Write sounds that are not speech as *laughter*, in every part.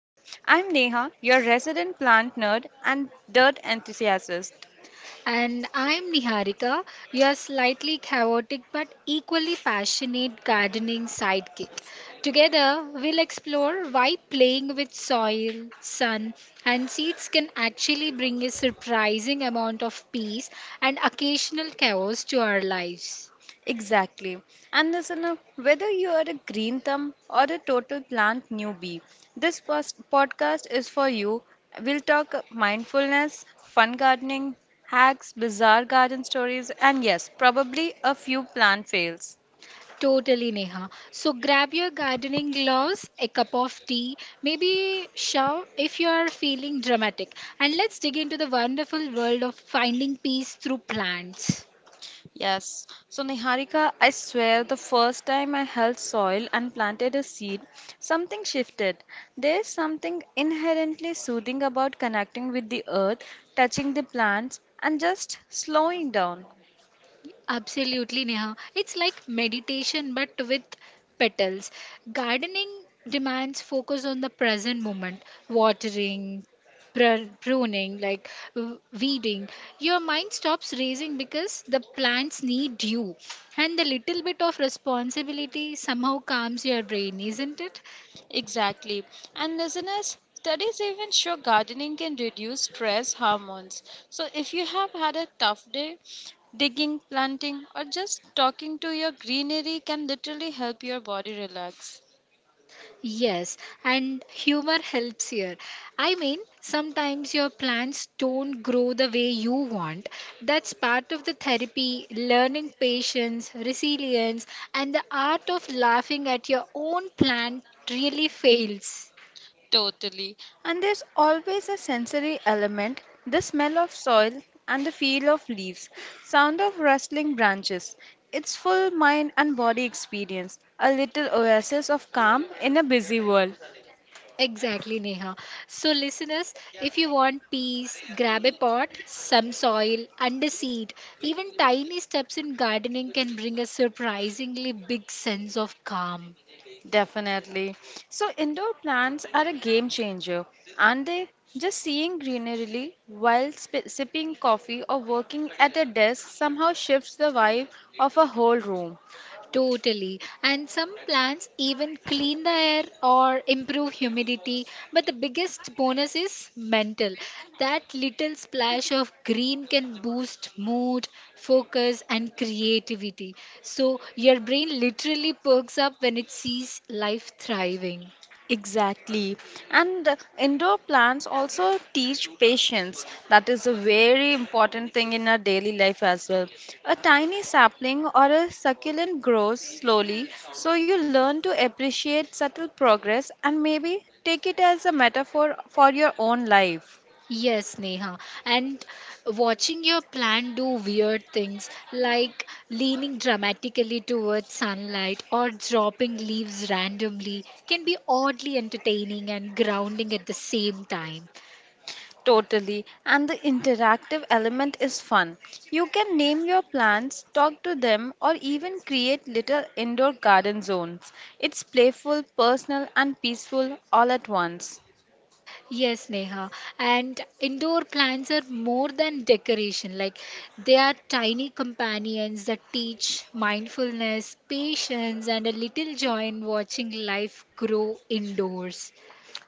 I'm Neha, your resident plant nerd and dirt enthusiast. And I'm Niharika, your slightly chaotic but equally passionate gardening sidekick. Together, we'll explore why playing with soil, sun, and seeds can actually bring a surprising amount of peace and occasional chaos to our lives. Exactly. And listener, whether you are a green thumb or a total plant newbie, this podcast is for you. We'll talk mindfulness, fun gardening, hacks, bizarre garden stories, and yes, probably a few plant fails. Totally, Neha. So grab your gardening gloves, a cup of tea, maybe shower if you are feeling dramatic, and let's dig into the wonderful world of finding peace through plants. Yes. So, Niharika, I swear the first time I held soil and planted a seed, something shifted. There is something inherently soothing about connecting with the earth, touching the plants, and just slowing down. Absolutely, Neha. It's like meditation but with petals. Gardening demands focus on the present moment, watering, pruning, like weeding. Your mind stops racing because the plants need you. And the little bit of responsibility somehow calms your brain, isn't it? Exactly. And listeners, studies even show gardening can reduce stress hormones. So if you have had a tough day, digging, planting, or just talking to your greenery can literally help your body relax. Yes, and humor helps here. I mean, sometimes your plants don't grow the way you want. That's part of the therapy, learning patience, resilience, and the art of laughing at your own plant really fails. Totally. And there's always a sensory element, the smell of soil and the feel of leaves, sound of rustling branches. It's full mind and body experience, a little oasis of calm in a busy world. Exactly, Neha. So, listeners, if you want peace, grab a pot, some soil, and a seed. Even tiny steps in gardening can bring a surprisingly big sense of calm. Definitely. So, indoor plants are a game changer, aren't they? Just seeing greenery while sipping coffee or working at a desk somehow shifts the vibe of a whole room. Totally. And some plants even clean the air or improve humidity. But the biggest bonus is mental. That little splash of green can boost mood, focus, and creativity. So your brain literally perks up when it sees life thriving. Exactly. And indoor plants also teach patience. That is a very important thing in our daily life as well. A tiny sapling or a succulent grows slowly, so you learn to appreciate subtle progress and maybe take it as a metaphor for your own life. Yes, Neha. And watching your plant do weird things like leaning dramatically towards sunlight or dropping leaves randomly can be oddly entertaining and grounding at the same time. Totally. And the interactive element is fun. You can name your plants, talk to them, or even create little indoor garden zones. It's playful, personal, and peaceful all at once. Yes, Neha. And indoor plants are more than decoration, like they are tiny companions that teach mindfulness, patience, and a little joy in watching life grow indoors.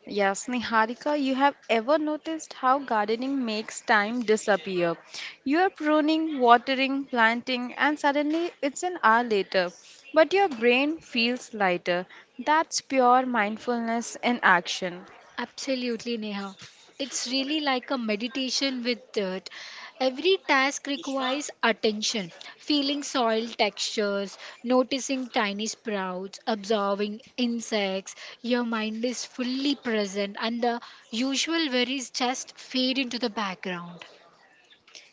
Yes, Niharika, you have ever noticed how gardening makes time disappear? You are pruning, watering, planting, and suddenly it's an hour later. But your brain feels lighter. That's pure mindfulness in action. Absolutely, Neha. It's really like a meditation with dirt. Every task requires attention, feeling soil textures, noticing tiny sprouts, observing insects. Your mind is fully present, and the usual worries just fade into the background.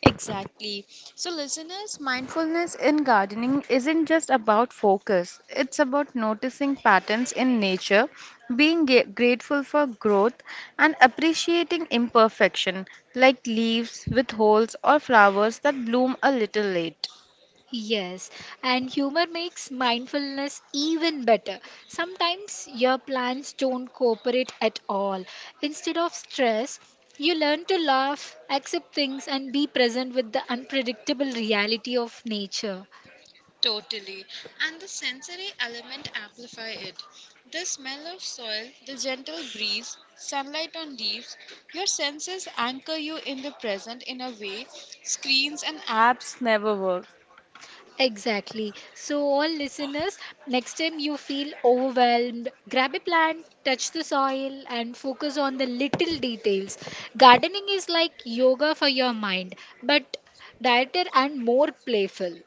Exactly. So, listeners, mindfulness in gardening isn't just about focus, it's about noticing patterns in nature, being grateful for growth, and appreciating imperfection, like leaves with holes or flowers that bloom a little late. Yes, and humor makes mindfulness even better. Sometimes your plans don't cooperate at all. Instead of stress, you learn to laugh, accept things, and be present with the unpredictable reality of nature. Totally. And the sensory element amplify it. The smell of soil, the gentle breeze, sunlight on leaves, your senses anchor you in the present in a way screens and apps never work. Exactly. So, all listeners, next time you feel overwhelmed, grab a plant, touch the soil, and focus on the little details. Gardening is like yoga for your mind, but dieter and more playful.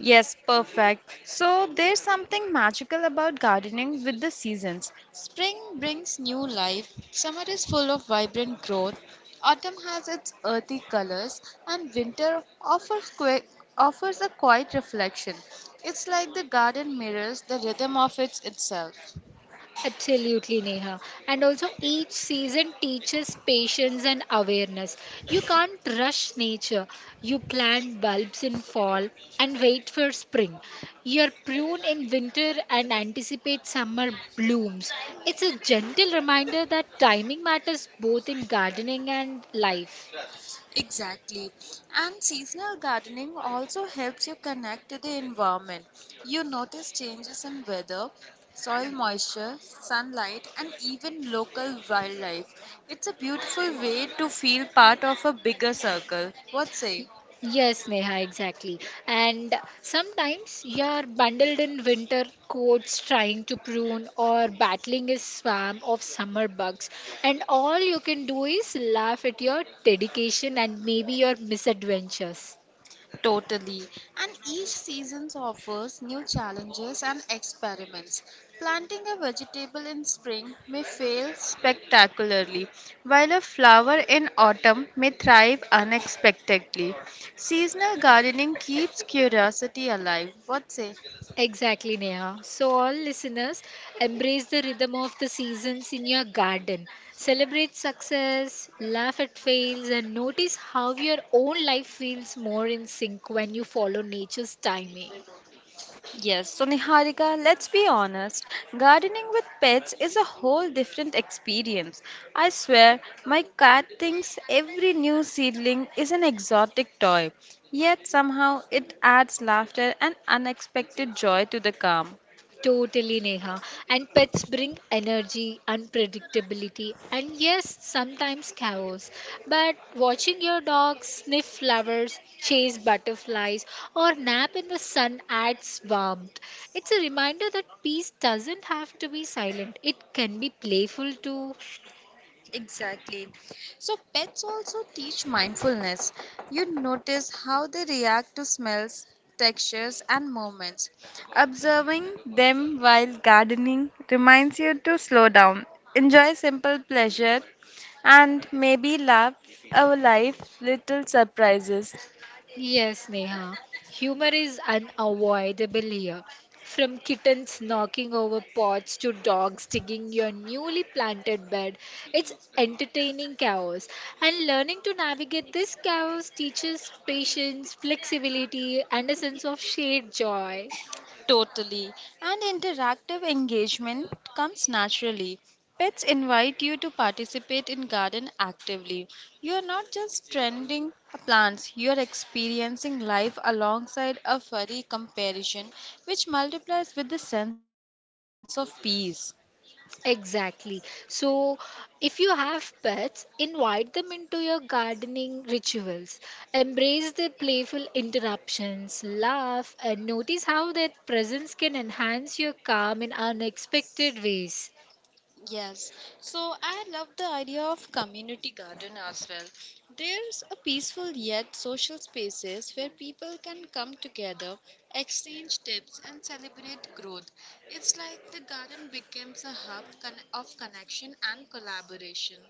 Yes, perfect. So there's something magical about gardening with the seasons. Spring brings new life, summer is full of vibrant growth, autumn has its earthy colors, and winter offers a quiet reflection. It's like the garden mirrors the rhythm of its itself. Absolutely, Neha. And also, each season teaches patience and awareness. You can't rush nature. You plant bulbs in fall and wait for spring. Your prune in winter and anticipate summer blooms. It's a gentle reminder that timing matters both in gardening and life. Exactly. And seasonal gardening also helps you connect to the environment. You notice changes in weather, soil moisture, sunlight, and even local wildlife. It's a beautiful way to feel part of a bigger circle. What say? Yes, Neha, exactly. And sometimes you are bundled in winter coats trying to prune or battling a swarm of summer bugs, and all you can do is laugh at your dedication and maybe your misadventures. Totally. And each season offers new challenges and experiments. Planting a vegetable in spring may fail spectacularly, while a flower in autumn may thrive unexpectedly, seasonal gardening keeps curiosity alive. What say? Exactly, Neha. So, all listeners, embrace the rhythm of the seasons in your garden. Celebrate success, laugh at fails, and notice how your own life feels more in sync when you follow nature's timing. Yes, so Niharika, let's be honest, gardening with pets is a whole different experience. I swear, my cat thinks every new seedling is an exotic toy, yet somehow it adds laughter and unexpected joy to the calm. Totally, Neha. And pets bring energy, unpredictability, and yes, sometimes chaos. But watching your dog sniff flowers, chase butterflies, or nap in the sun adds warmth. It's a reminder that peace doesn't have to be silent, it can be playful too. Exactly. So pets also teach mindfulness. You notice how they react to smells, textures, and movements. Observing them while gardening reminds you to slow down, enjoy simple pleasure, and maybe laugh our life little surprises. Yes, Neha. Humor is unavoidable here. From kittens knocking over pots to dogs digging your newly planted bed, it's entertaining chaos. And learning to navigate this chaos teaches patience, flexibility, and a sense of shared joy. Totally. And interactive engagement comes naturally. Pets invite you to participate in garden actively. You are not just tending plants, you are experiencing life alongside a furry comparison which multiplies with the sense of peace. Exactly. So, if you have pets, invite them into your gardening rituals. Embrace their playful interruptions, laugh, and notice how their presence can enhance your calm in unexpected ways. Yes, so I love the idea of community garden as well. There's a peaceful yet social spaces where people can come together, exchange tips, and celebrate growth. It's like the garden becomes a hub of connection and collaboration.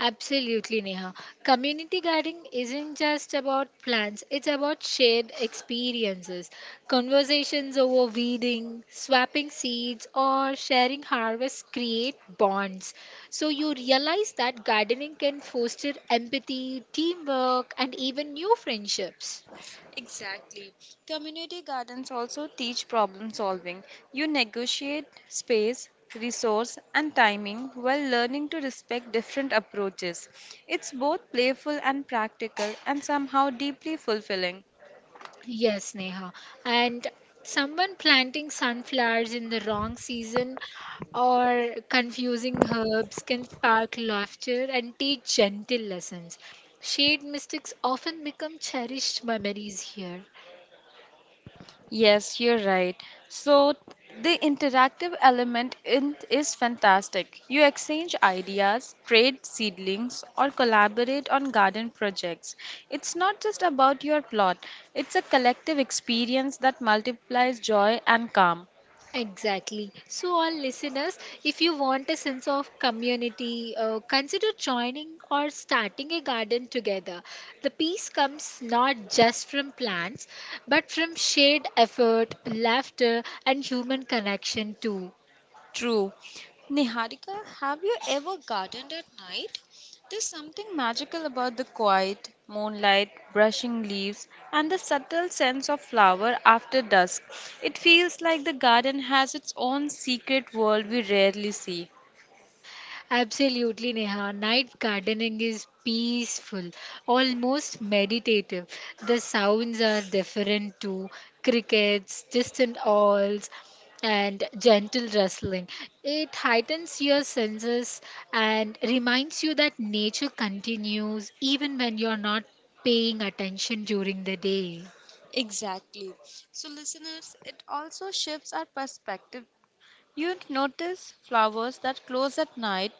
Absolutely, Neha. Community gardening isn't just about plants, it's about shared experiences. Conversations over weeding, swapping seeds, or sharing harvests create bonds. So you realize that gardening can foster empathy, teamwork, and even new friendships. Exactly. Community gardens also teach problem solving. You negotiate space, resource, and timing while learning to respect different approaches. It's both playful and practical, and somehow deeply fulfilling. Yes, Neha. And someone planting sunflowers in the wrong season or confusing herbs can spark laughter and teach gentle lessons. Shade mystics often become cherished memories here. Yes, you're right. So the interactive is fantastic. You exchange ideas, trade seedlings, or collaborate on garden projects. It's not just about your plot, it's a collective experience that multiplies joy and calm. Exactly. So, our listeners, if you want a sense of community, consider joining or starting a garden together. The peace comes not just from plants, but from shared effort, laughter, and human connection too. True. Niharika, have you ever gardened at night? There's something magical about the quiet, moonlight, brushing leaves, and the subtle sense of flower after dusk. It feels like the garden has its own secret world we rarely see. Absolutely, Neha. Night gardening is peaceful, almost meditative. The sounds are different too crickets, distant owls, and gentle rustling. It heightens your senses and reminds you that nature continues even when you're not paying attention during the day. Exactly. So, listeners, it also shifts our perspective. You'd notice flowers that close at night,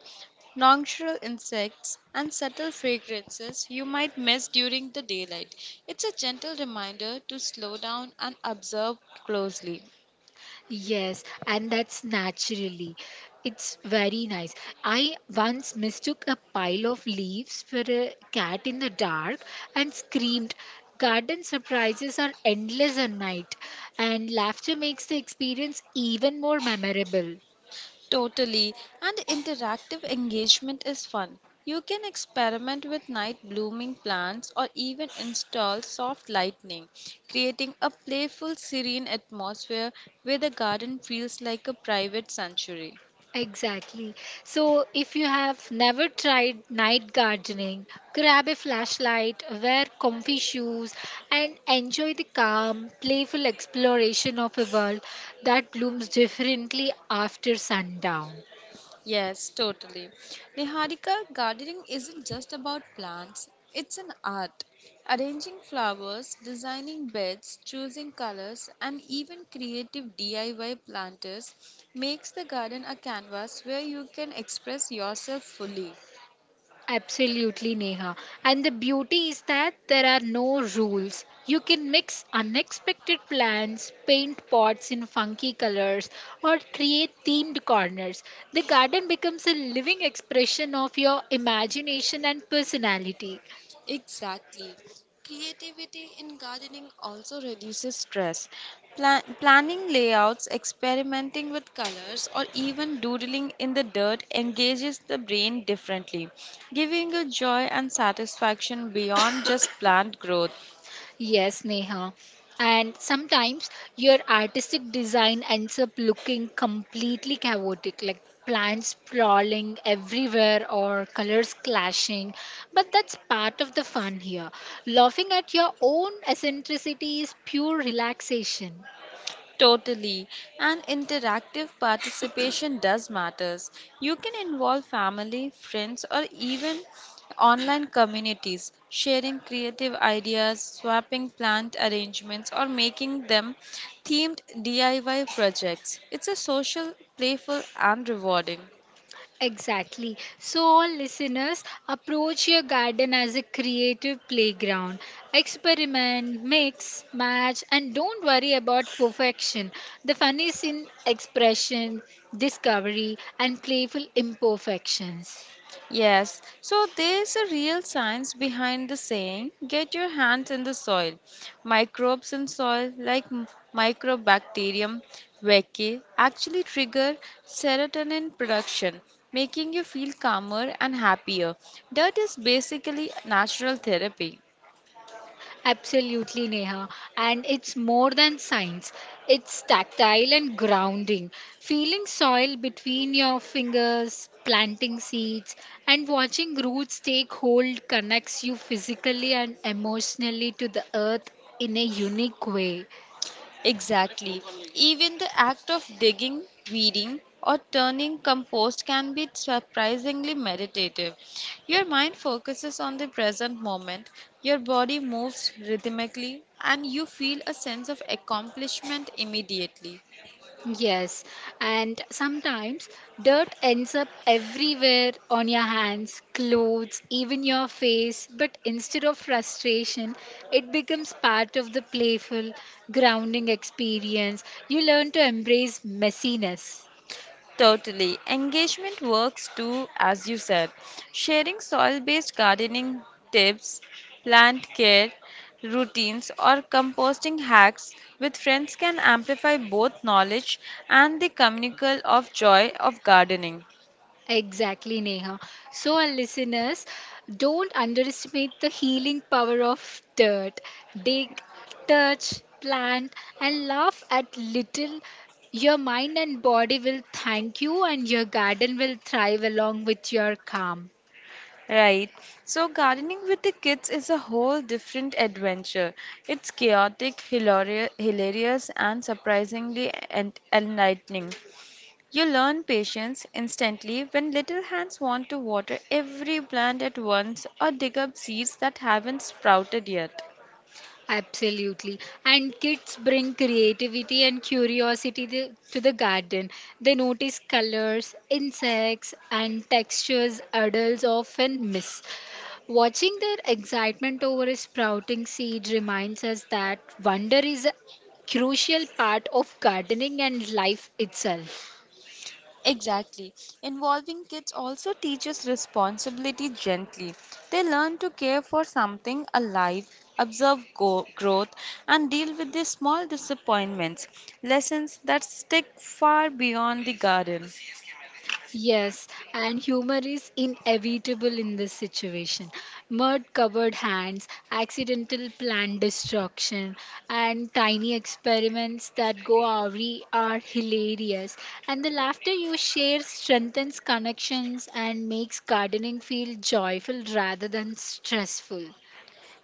nocturnal insects, and subtle fragrances you might miss during the daylight. It's a gentle reminder to slow down and observe closely. Yes, and that's naturally. It's very nice. I once mistook a pile of leaves for a cat in the dark and screamed, garden surprises are endless at night, and laughter makes the experience even more memorable. Totally, and interactive engagement is fun. You can experiment with night blooming plants or even install soft lighting, creating a playful, serene atmosphere where the garden feels like a private sanctuary. Exactly. So, if you have never tried night gardening, grab a flashlight, wear comfy shoes, and enjoy the calm, playful exploration of a world that blooms differently after sundown. Yes, totally. Niharika, gardening isn't just about plants, it's an art. Arranging flowers, designing beds, choosing colors, and even creative DIY planters makes the garden a canvas where you can express yourself fully. Absolutely, Neha. And the beauty is that there are no rules. You can mix unexpected plants, paint pots in funky colors, or create themed corners. The garden becomes a living expression of your imagination and personality. Exactly. Creativity in gardening also reduces stress. Planning layouts, experimenting with colors, or even doodling in the dirt engages the brain differently, giving a joy and satisfaction beyond just *coughs* plant growth. Yes, Neha. And sometimes your artistic design ends up looking completely chaotic, like plants sprawling everywhere or colors clashing. But that's part of the fun here. Laughing at your own eccentricity is pure relaxation. Totally. And interactive participation does matters. You can involve family, friends or even online communities, sharing creative ideas, swapping plant arrangements or making them themed DIY projects. It's a social, playful and rewarding. Exactly. So, all listeners, approach your garden as a creative playground. Experiment, mix, match, and don't worry about perfection. The fun is in expression, discovery, and playful imperfections. Yes, so there's a real science behind the saying get your hands in the soil. Microbes in soil, like Microbacterium vaccae, actually trigger serotonin production, making you feel calmer and happier. Dirt is basically natural therapy. Absolutely, Neha. And it's more than science. It's tactile and grounding. Feeling soil between your fingers, planting seeds, and watching roots take hold connects you physically and emotionally to the earth in a unique way. Exactly. Even the act of digging, weeding, or turning compost can be surprisingly meditative. Your mind focuses on the present moment, your body moves rhythmically, and you feel a sense of accomplishment immediately. Yes, and sometimes dirt ends up everywhere on your hands, clothes, even your face. But instead of frustration, it becomes part of the playful, grounding experience. You learn to embrace messiness. Totally. Engagement works too, as you said. Sharing soil based gardening tips, plant care routines, or composting hacks with friends can amplify both knowledge and the communal of joy of gardening. Exactly, Neha. So, our listeners, don't underestimate the healing power of dirt. Dig, touch, plant, and laugh at little. Your mind and body will thank you, and your garden will thrive along with your calm. Right. So, gardening with the kids is a whole different adventure. It's chaotic, hilarious, and surprisingly enlightening. You learn patience instantly when little hands want to water every plant at once or dig up seeds that haven't sprouted yet. Absolutely. And kids bring creativity and curiosity to the garden. They notice colors, insects, and textures adults often miss. Watching their excitement over a sprouting seed reminds us that wonder is a crucial part of gardening and life itself. Exactly. Involving kids also teaches responsibility gently. They learn to care for something alive, observe growth, and deal with the small disappointments, lessons that stick far beyond the garden. Yes, and humor is inevitable in this situation. Mud covered hands, accidental plant destruction, and tiny experiments that go awry are hilarious. And the laughter you share strengthens connections and makes gardening feel joyful rather than stressful.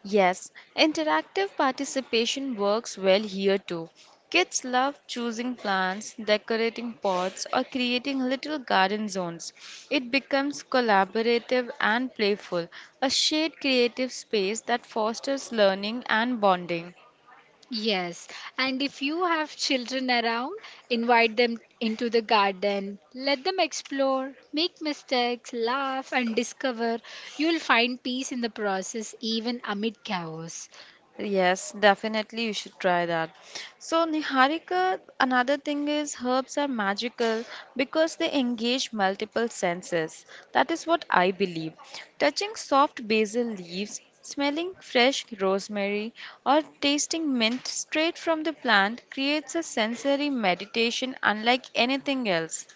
Yes, interactive participation works well here too. Kids love choosing plants, decorating pots, or creating little garden zones. It becomes collaborative and playful, a shared creative space that fosters learning and bonding. Yes, and if you have children around, invite them into the garden. Let them explore, make mistakes, laugh, and discover. You'll find peace in the process, even amid chaos. Yes, definitely you should try that. So, Niharika, another thing is herbs are magical because they engage multiple senses. That is what I believe. Touching soft basil leaves, smelling fresh rosemary, or tasting mint straight from the plant creates a sensory meditation unlike anything else.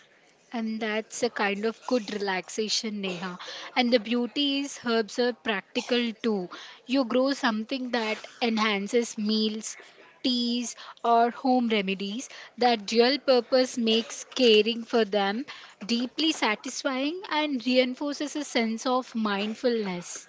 And that's a kind of good relaxation, Neha. And the beauty is herbs are practical too. You grow something that enhances meals, teas, or home remedies. That dual purpose makes caring for them deeply satisfying and reinforces a sense of mindfulness.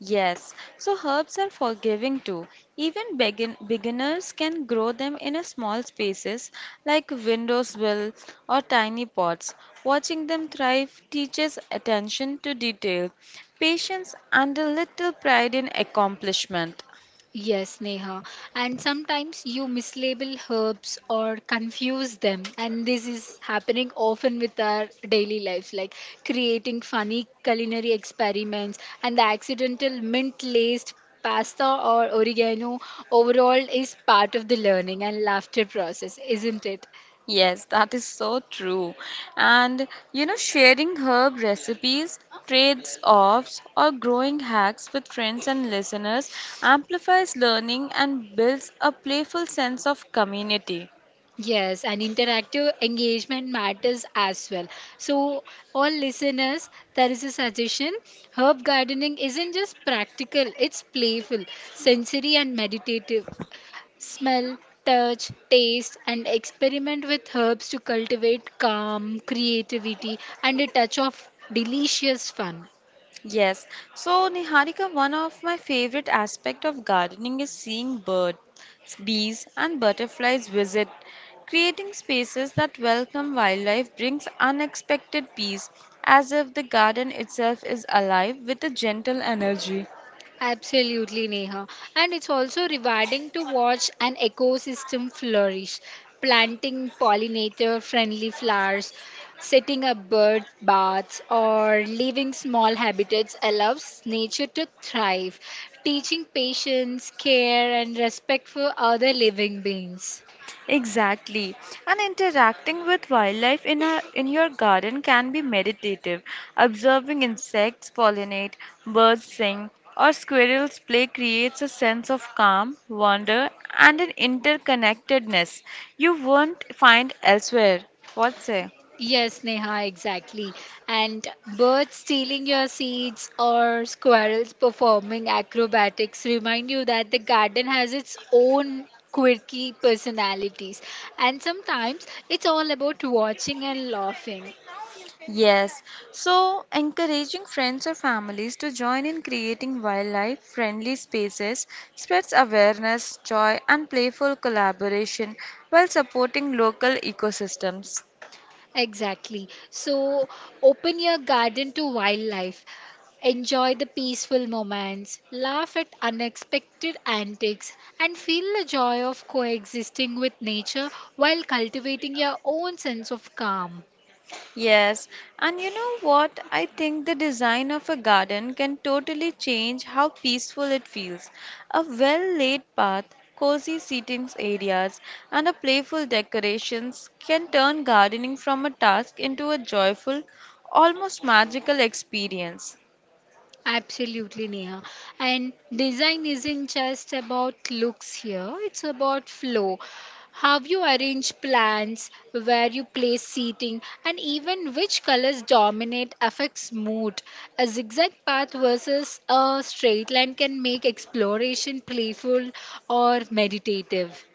Yes, so herbs are forgiving too. Even beginners can grow them in a small spaces like windows will or tiny pots. Watching them thrive teaches attention to detail, patience and a little pride in accomplishment. Yes, Neha. And sometimes you mislabel herbs or confuse them. And this is happening often with our daily lives, like creating funny culinary experiments and the accidental mint laced pasta or oregano overall is part of the learning and laughter process, isn't it? Yes, that is so true. And you know, sharing herb recipes, trades offs, or growing hacks with friends and listeners amplifies learning and builds a playful sense of community. Yes, and interactive engagement matters as well. So, all listeners, there is a suggestion. Herb gardening isn't just practical, it's playful, sensory, and meditative. Smell, touch, taste, and experiment with herbs to cultivate calm, creativity, and a touch of delicious fun. Yes. So, Niharika, one of my favorite aspect of gardening is seeing birds, bees, and butterflies visit. Creating spaces that welcome wildlife brings unexpected peace, as if the garden itself is alive with a gentle energy. Absolutely, Neha. And it's also rewarding to watch an ecosystem flourish, planting pollinator friendly flowers, setting up bird baths, or leaving small habitats allows nature to thrive, teaching patience, care, and respect for other living beings. Exactly. And interacting with wildlife in your garden can be meditative. Observing insects pollinate, birds sing, or squirrels play creates a sense of calm, wonder, and an interconnectedness you won't find elsewhere. What say? Yes, Neha, exactly. And birds stealing your seeds or squirrels performing acrobatics remind you that the garden has its own quirky personalities. And sometimes it's all about watching and laughing. Yes, so encouraging friends or families to join in creating wildlife friendly spaces spreads awareness, joy, and playful collaboration while supporting local ecosystems. Exactly. So open your garden to wildlife. Enjoy the peaceful moments, laugh at unexpected antics, and feel the joy of coexisting with nature while cultivating your own sense of calm. Yes, and you know what? I think the design of a garden can totally change how peaceful it feels. A well laid path, cozy seating areas, and a playful decorations can turn gardening from a task into a joyful, almost magical experience. Absolutely, Neha. And design isn't just about looks here, it's about flow. How you arrange plants, where you place seating, and even which colors dominate affects mood. A zigzag path versus a straight line can make exploration playful or meditative.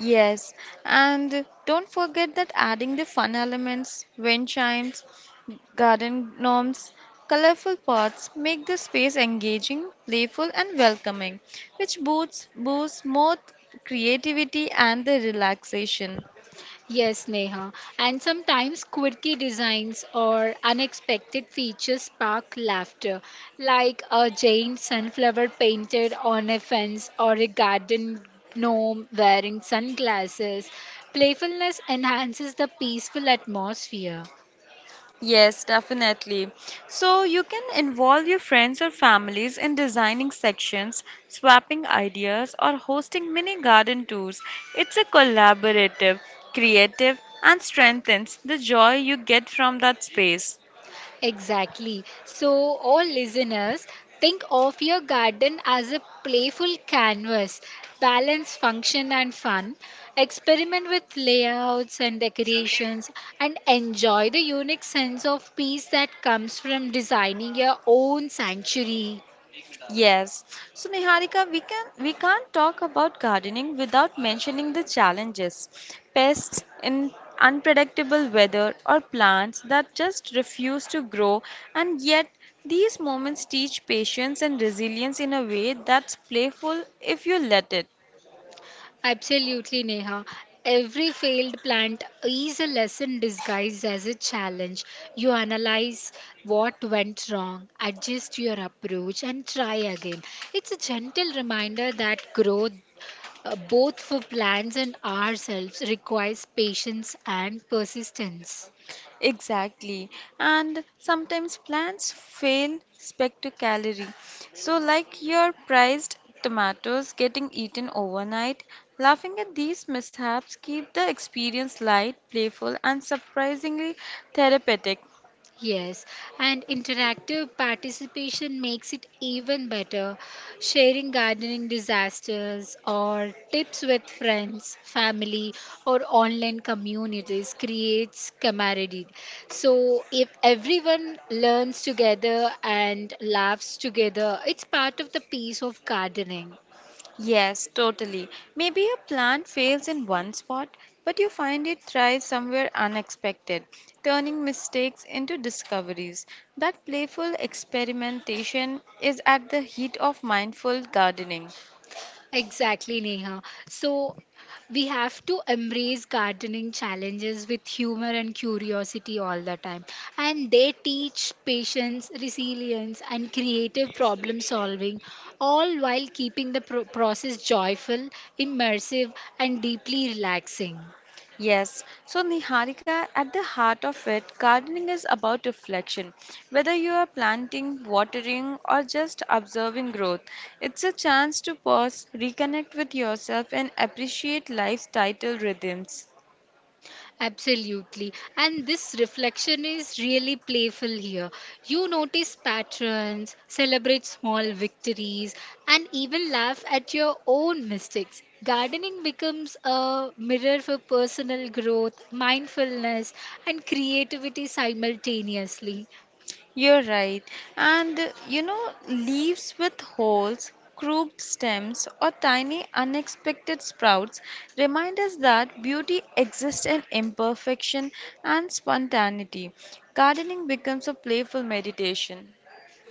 Yes, and don't forget that adding the fun elements, wind chimes, garden gnomes, colorful pots make the space engaging, playful, and welcoming, which boosts both creativity and the relaxation. Yes, Neha. And sometimes quirky designs or unexpected features spark laughter, like a giant sunflower painted on a fence or a garden gnome wearing sunglasses. Playfulness enhances the peaceful atmosphere. Yes, definitely. So you can involve your friends or families in designing sections, swapping ideas, or hosting mini garden tours. It's a collaborative, creative, and strengthens the joy you get from that space. Exactly. So, all listeners, think of your garden as a playful canvas. Balance function and fun. Experiment with layouts and decorations and enjoy the unique sense of peace that comes from designing your own sanctuary. Yes. So Niharika, we can't talk about gardening without mentioning the challenges. Pests in unpredictable weather or plants that just refuse to grow, and yet these moments teach patience and resilience in a way that's playful if you let it. Absolutely, Neha. Every failed plant is a lesson disguised as a challenge. You analyze what went wrong, adjust your approach, and try again. It's a gentle reminder that growth, both for plants and ourselves, requires patience and persistence. Exactly. And sometimes plants fail spectacularly. So, like your prized tomatoes getting eaten overnight, laughing at these mishaps keep the experience light, playful, and surprisingly therapeutic. Yes, and interactive participation makes it even better. Sharing gardening disasters or tips with friends, family, or online communities creates camaraderie. So, if everyone learns together and laughs together, it's part of the piece of gardening. Yes, totally. Maybe a plant fails in one spot, but you find it thrives somewhere unexpected, turning mistakes into discoveries. That playful experimentation is at the heat of mindful gardening. Exactly, Neha. So we have to embrace gardening challenges with humor and curiosity all the time. And they teach patience, resilience, and creative problem solving, all while keeping the process joyful, immersive, and deeply relaxing. Yes, so Niharika, at the heart of it, gardening is about reflection. Whether you are planting, watering, or just observing growth, it's a chance to pause, reconnect with yourself, and appreciate life's title rhythms. Absolutely. And this reflection is really playful here. You notice patterns, celebrate small victories, and even laugh at your own mistakes. Gardening becomes a mirror for personal growth, mindfulness, and creativity simultaneously. You're right. And you know, leaves with holes, crooked stems, or tiny unexpected sprouts remind us that beauty exists in imperfection and spontaneity. Gardening becomes a playful meditation.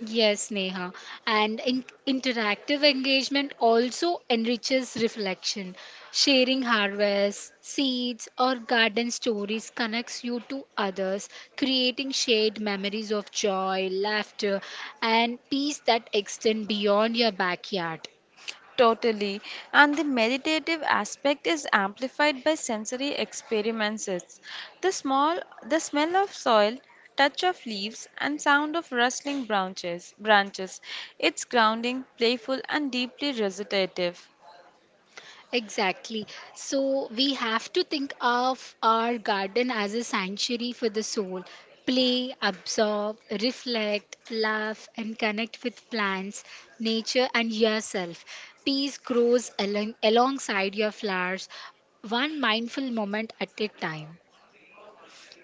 Yes, Neha. And interactive engagement also enriches reflection. Sharing harvests, seeds, or garden stories connects you to others, creating shared memories of joy, laughter, and peace that extend beyond your backyard. Totally. And the meditative aspect is amplified by sensory experiences. The small the smell of soil, touch of leaves, and sound of rustling branches. It's grounding, playful, and deeply recitative. Exactly. So we have to think of our garden as a sanctuary for the soul. Play, absorb, reflect, laugh, and connect with plants, nature, and yourself. Peace grows along, alongside your flowers, one mindful moment at a time.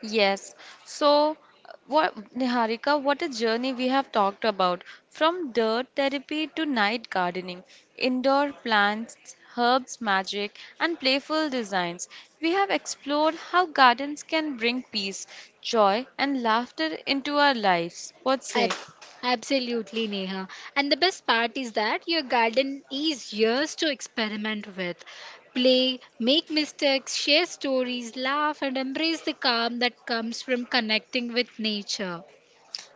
Yes. So, what a journey we have talked about. From dirt therapy to night gardening, indoor plants, herbs magic, and playful designs. We have explored how gardens can bring peace, joy, and laughter into our lives. What Ab- say? absolutely, Neha. And the best part is that your garden is yours to experiment with. Play, make mistakes, share stories, laugh, and embrace the calm that comes from connecting with nature.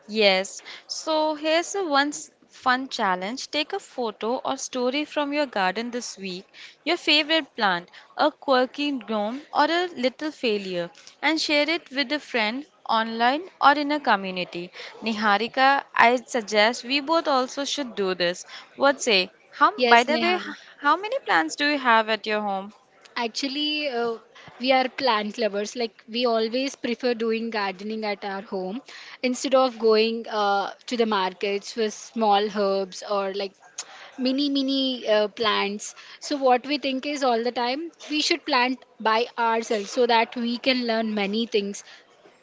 Yes, so here's a once fun challenge. Take a photo or story from your garden this week, your favorite plant, a quirky gnome, or a little failure, and share it with a friend online or in a community. Niharika, I suggest we both also should do this. What say? How, by Yes, the way, h- Neha. how many plants do you have at your home? Actually, we are plant lovers. Like, we always prefer doing gardening at our home instead of going to the markets for small herbs or like mini plants. So, what we think is all the time we should plant by ourselves so that we can learn many things.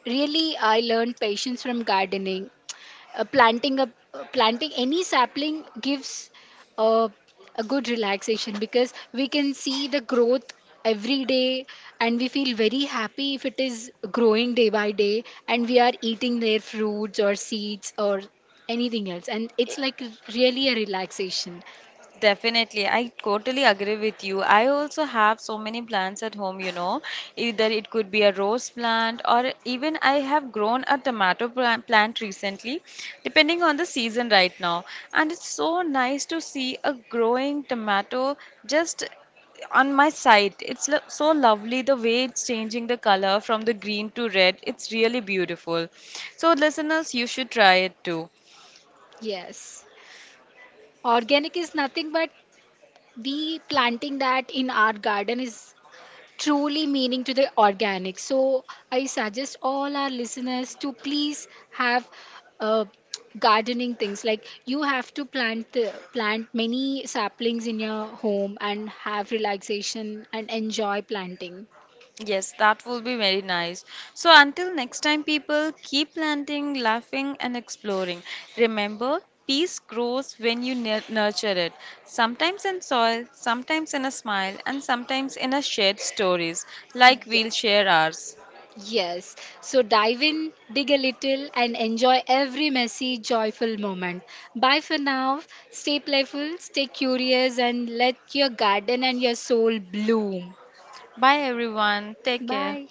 Really, I learned patience from gardening. Planting any sapling gives uh, a good relaxation because we can see the growth every day and we feel very happy if it is growing day by day and we are eating their fruits or seeds or anything else, and it's like really a relaxation. Definitely, I totally agree with you. I also have so many plants at home, you know. Either it could be a rose plant, or even I have grown a tomato plant recently, depending on the season right now. And it's so nice to see a growing tomato just on my side. It's lo so lovely the way it's changing the color from the green to red. It's really beautiful. So, listeners, you should try it too. Yes, organic is nothing but we planting that in our garden is truly meaning to the organic. So I suggest all our listeners to please have uh, gardening things, like you have to plant many saplings in your home and have relaxation and enjoy planting. Yes, that will be very nice. So, until next time, people, keep planting, laughing, and exploring. Remember, peace grows when you nurture it. Sometimes in soil, sometimes in a smile, and sometimes in a shared stories, like we'll Yes. share ours. Yes. So dive in, dig a little, and enjoy every messy, joyful moment. Bye for now. Stay playful, stay curious, and let your garden and your soul bloom. Bye, everyone. Take care. Bye.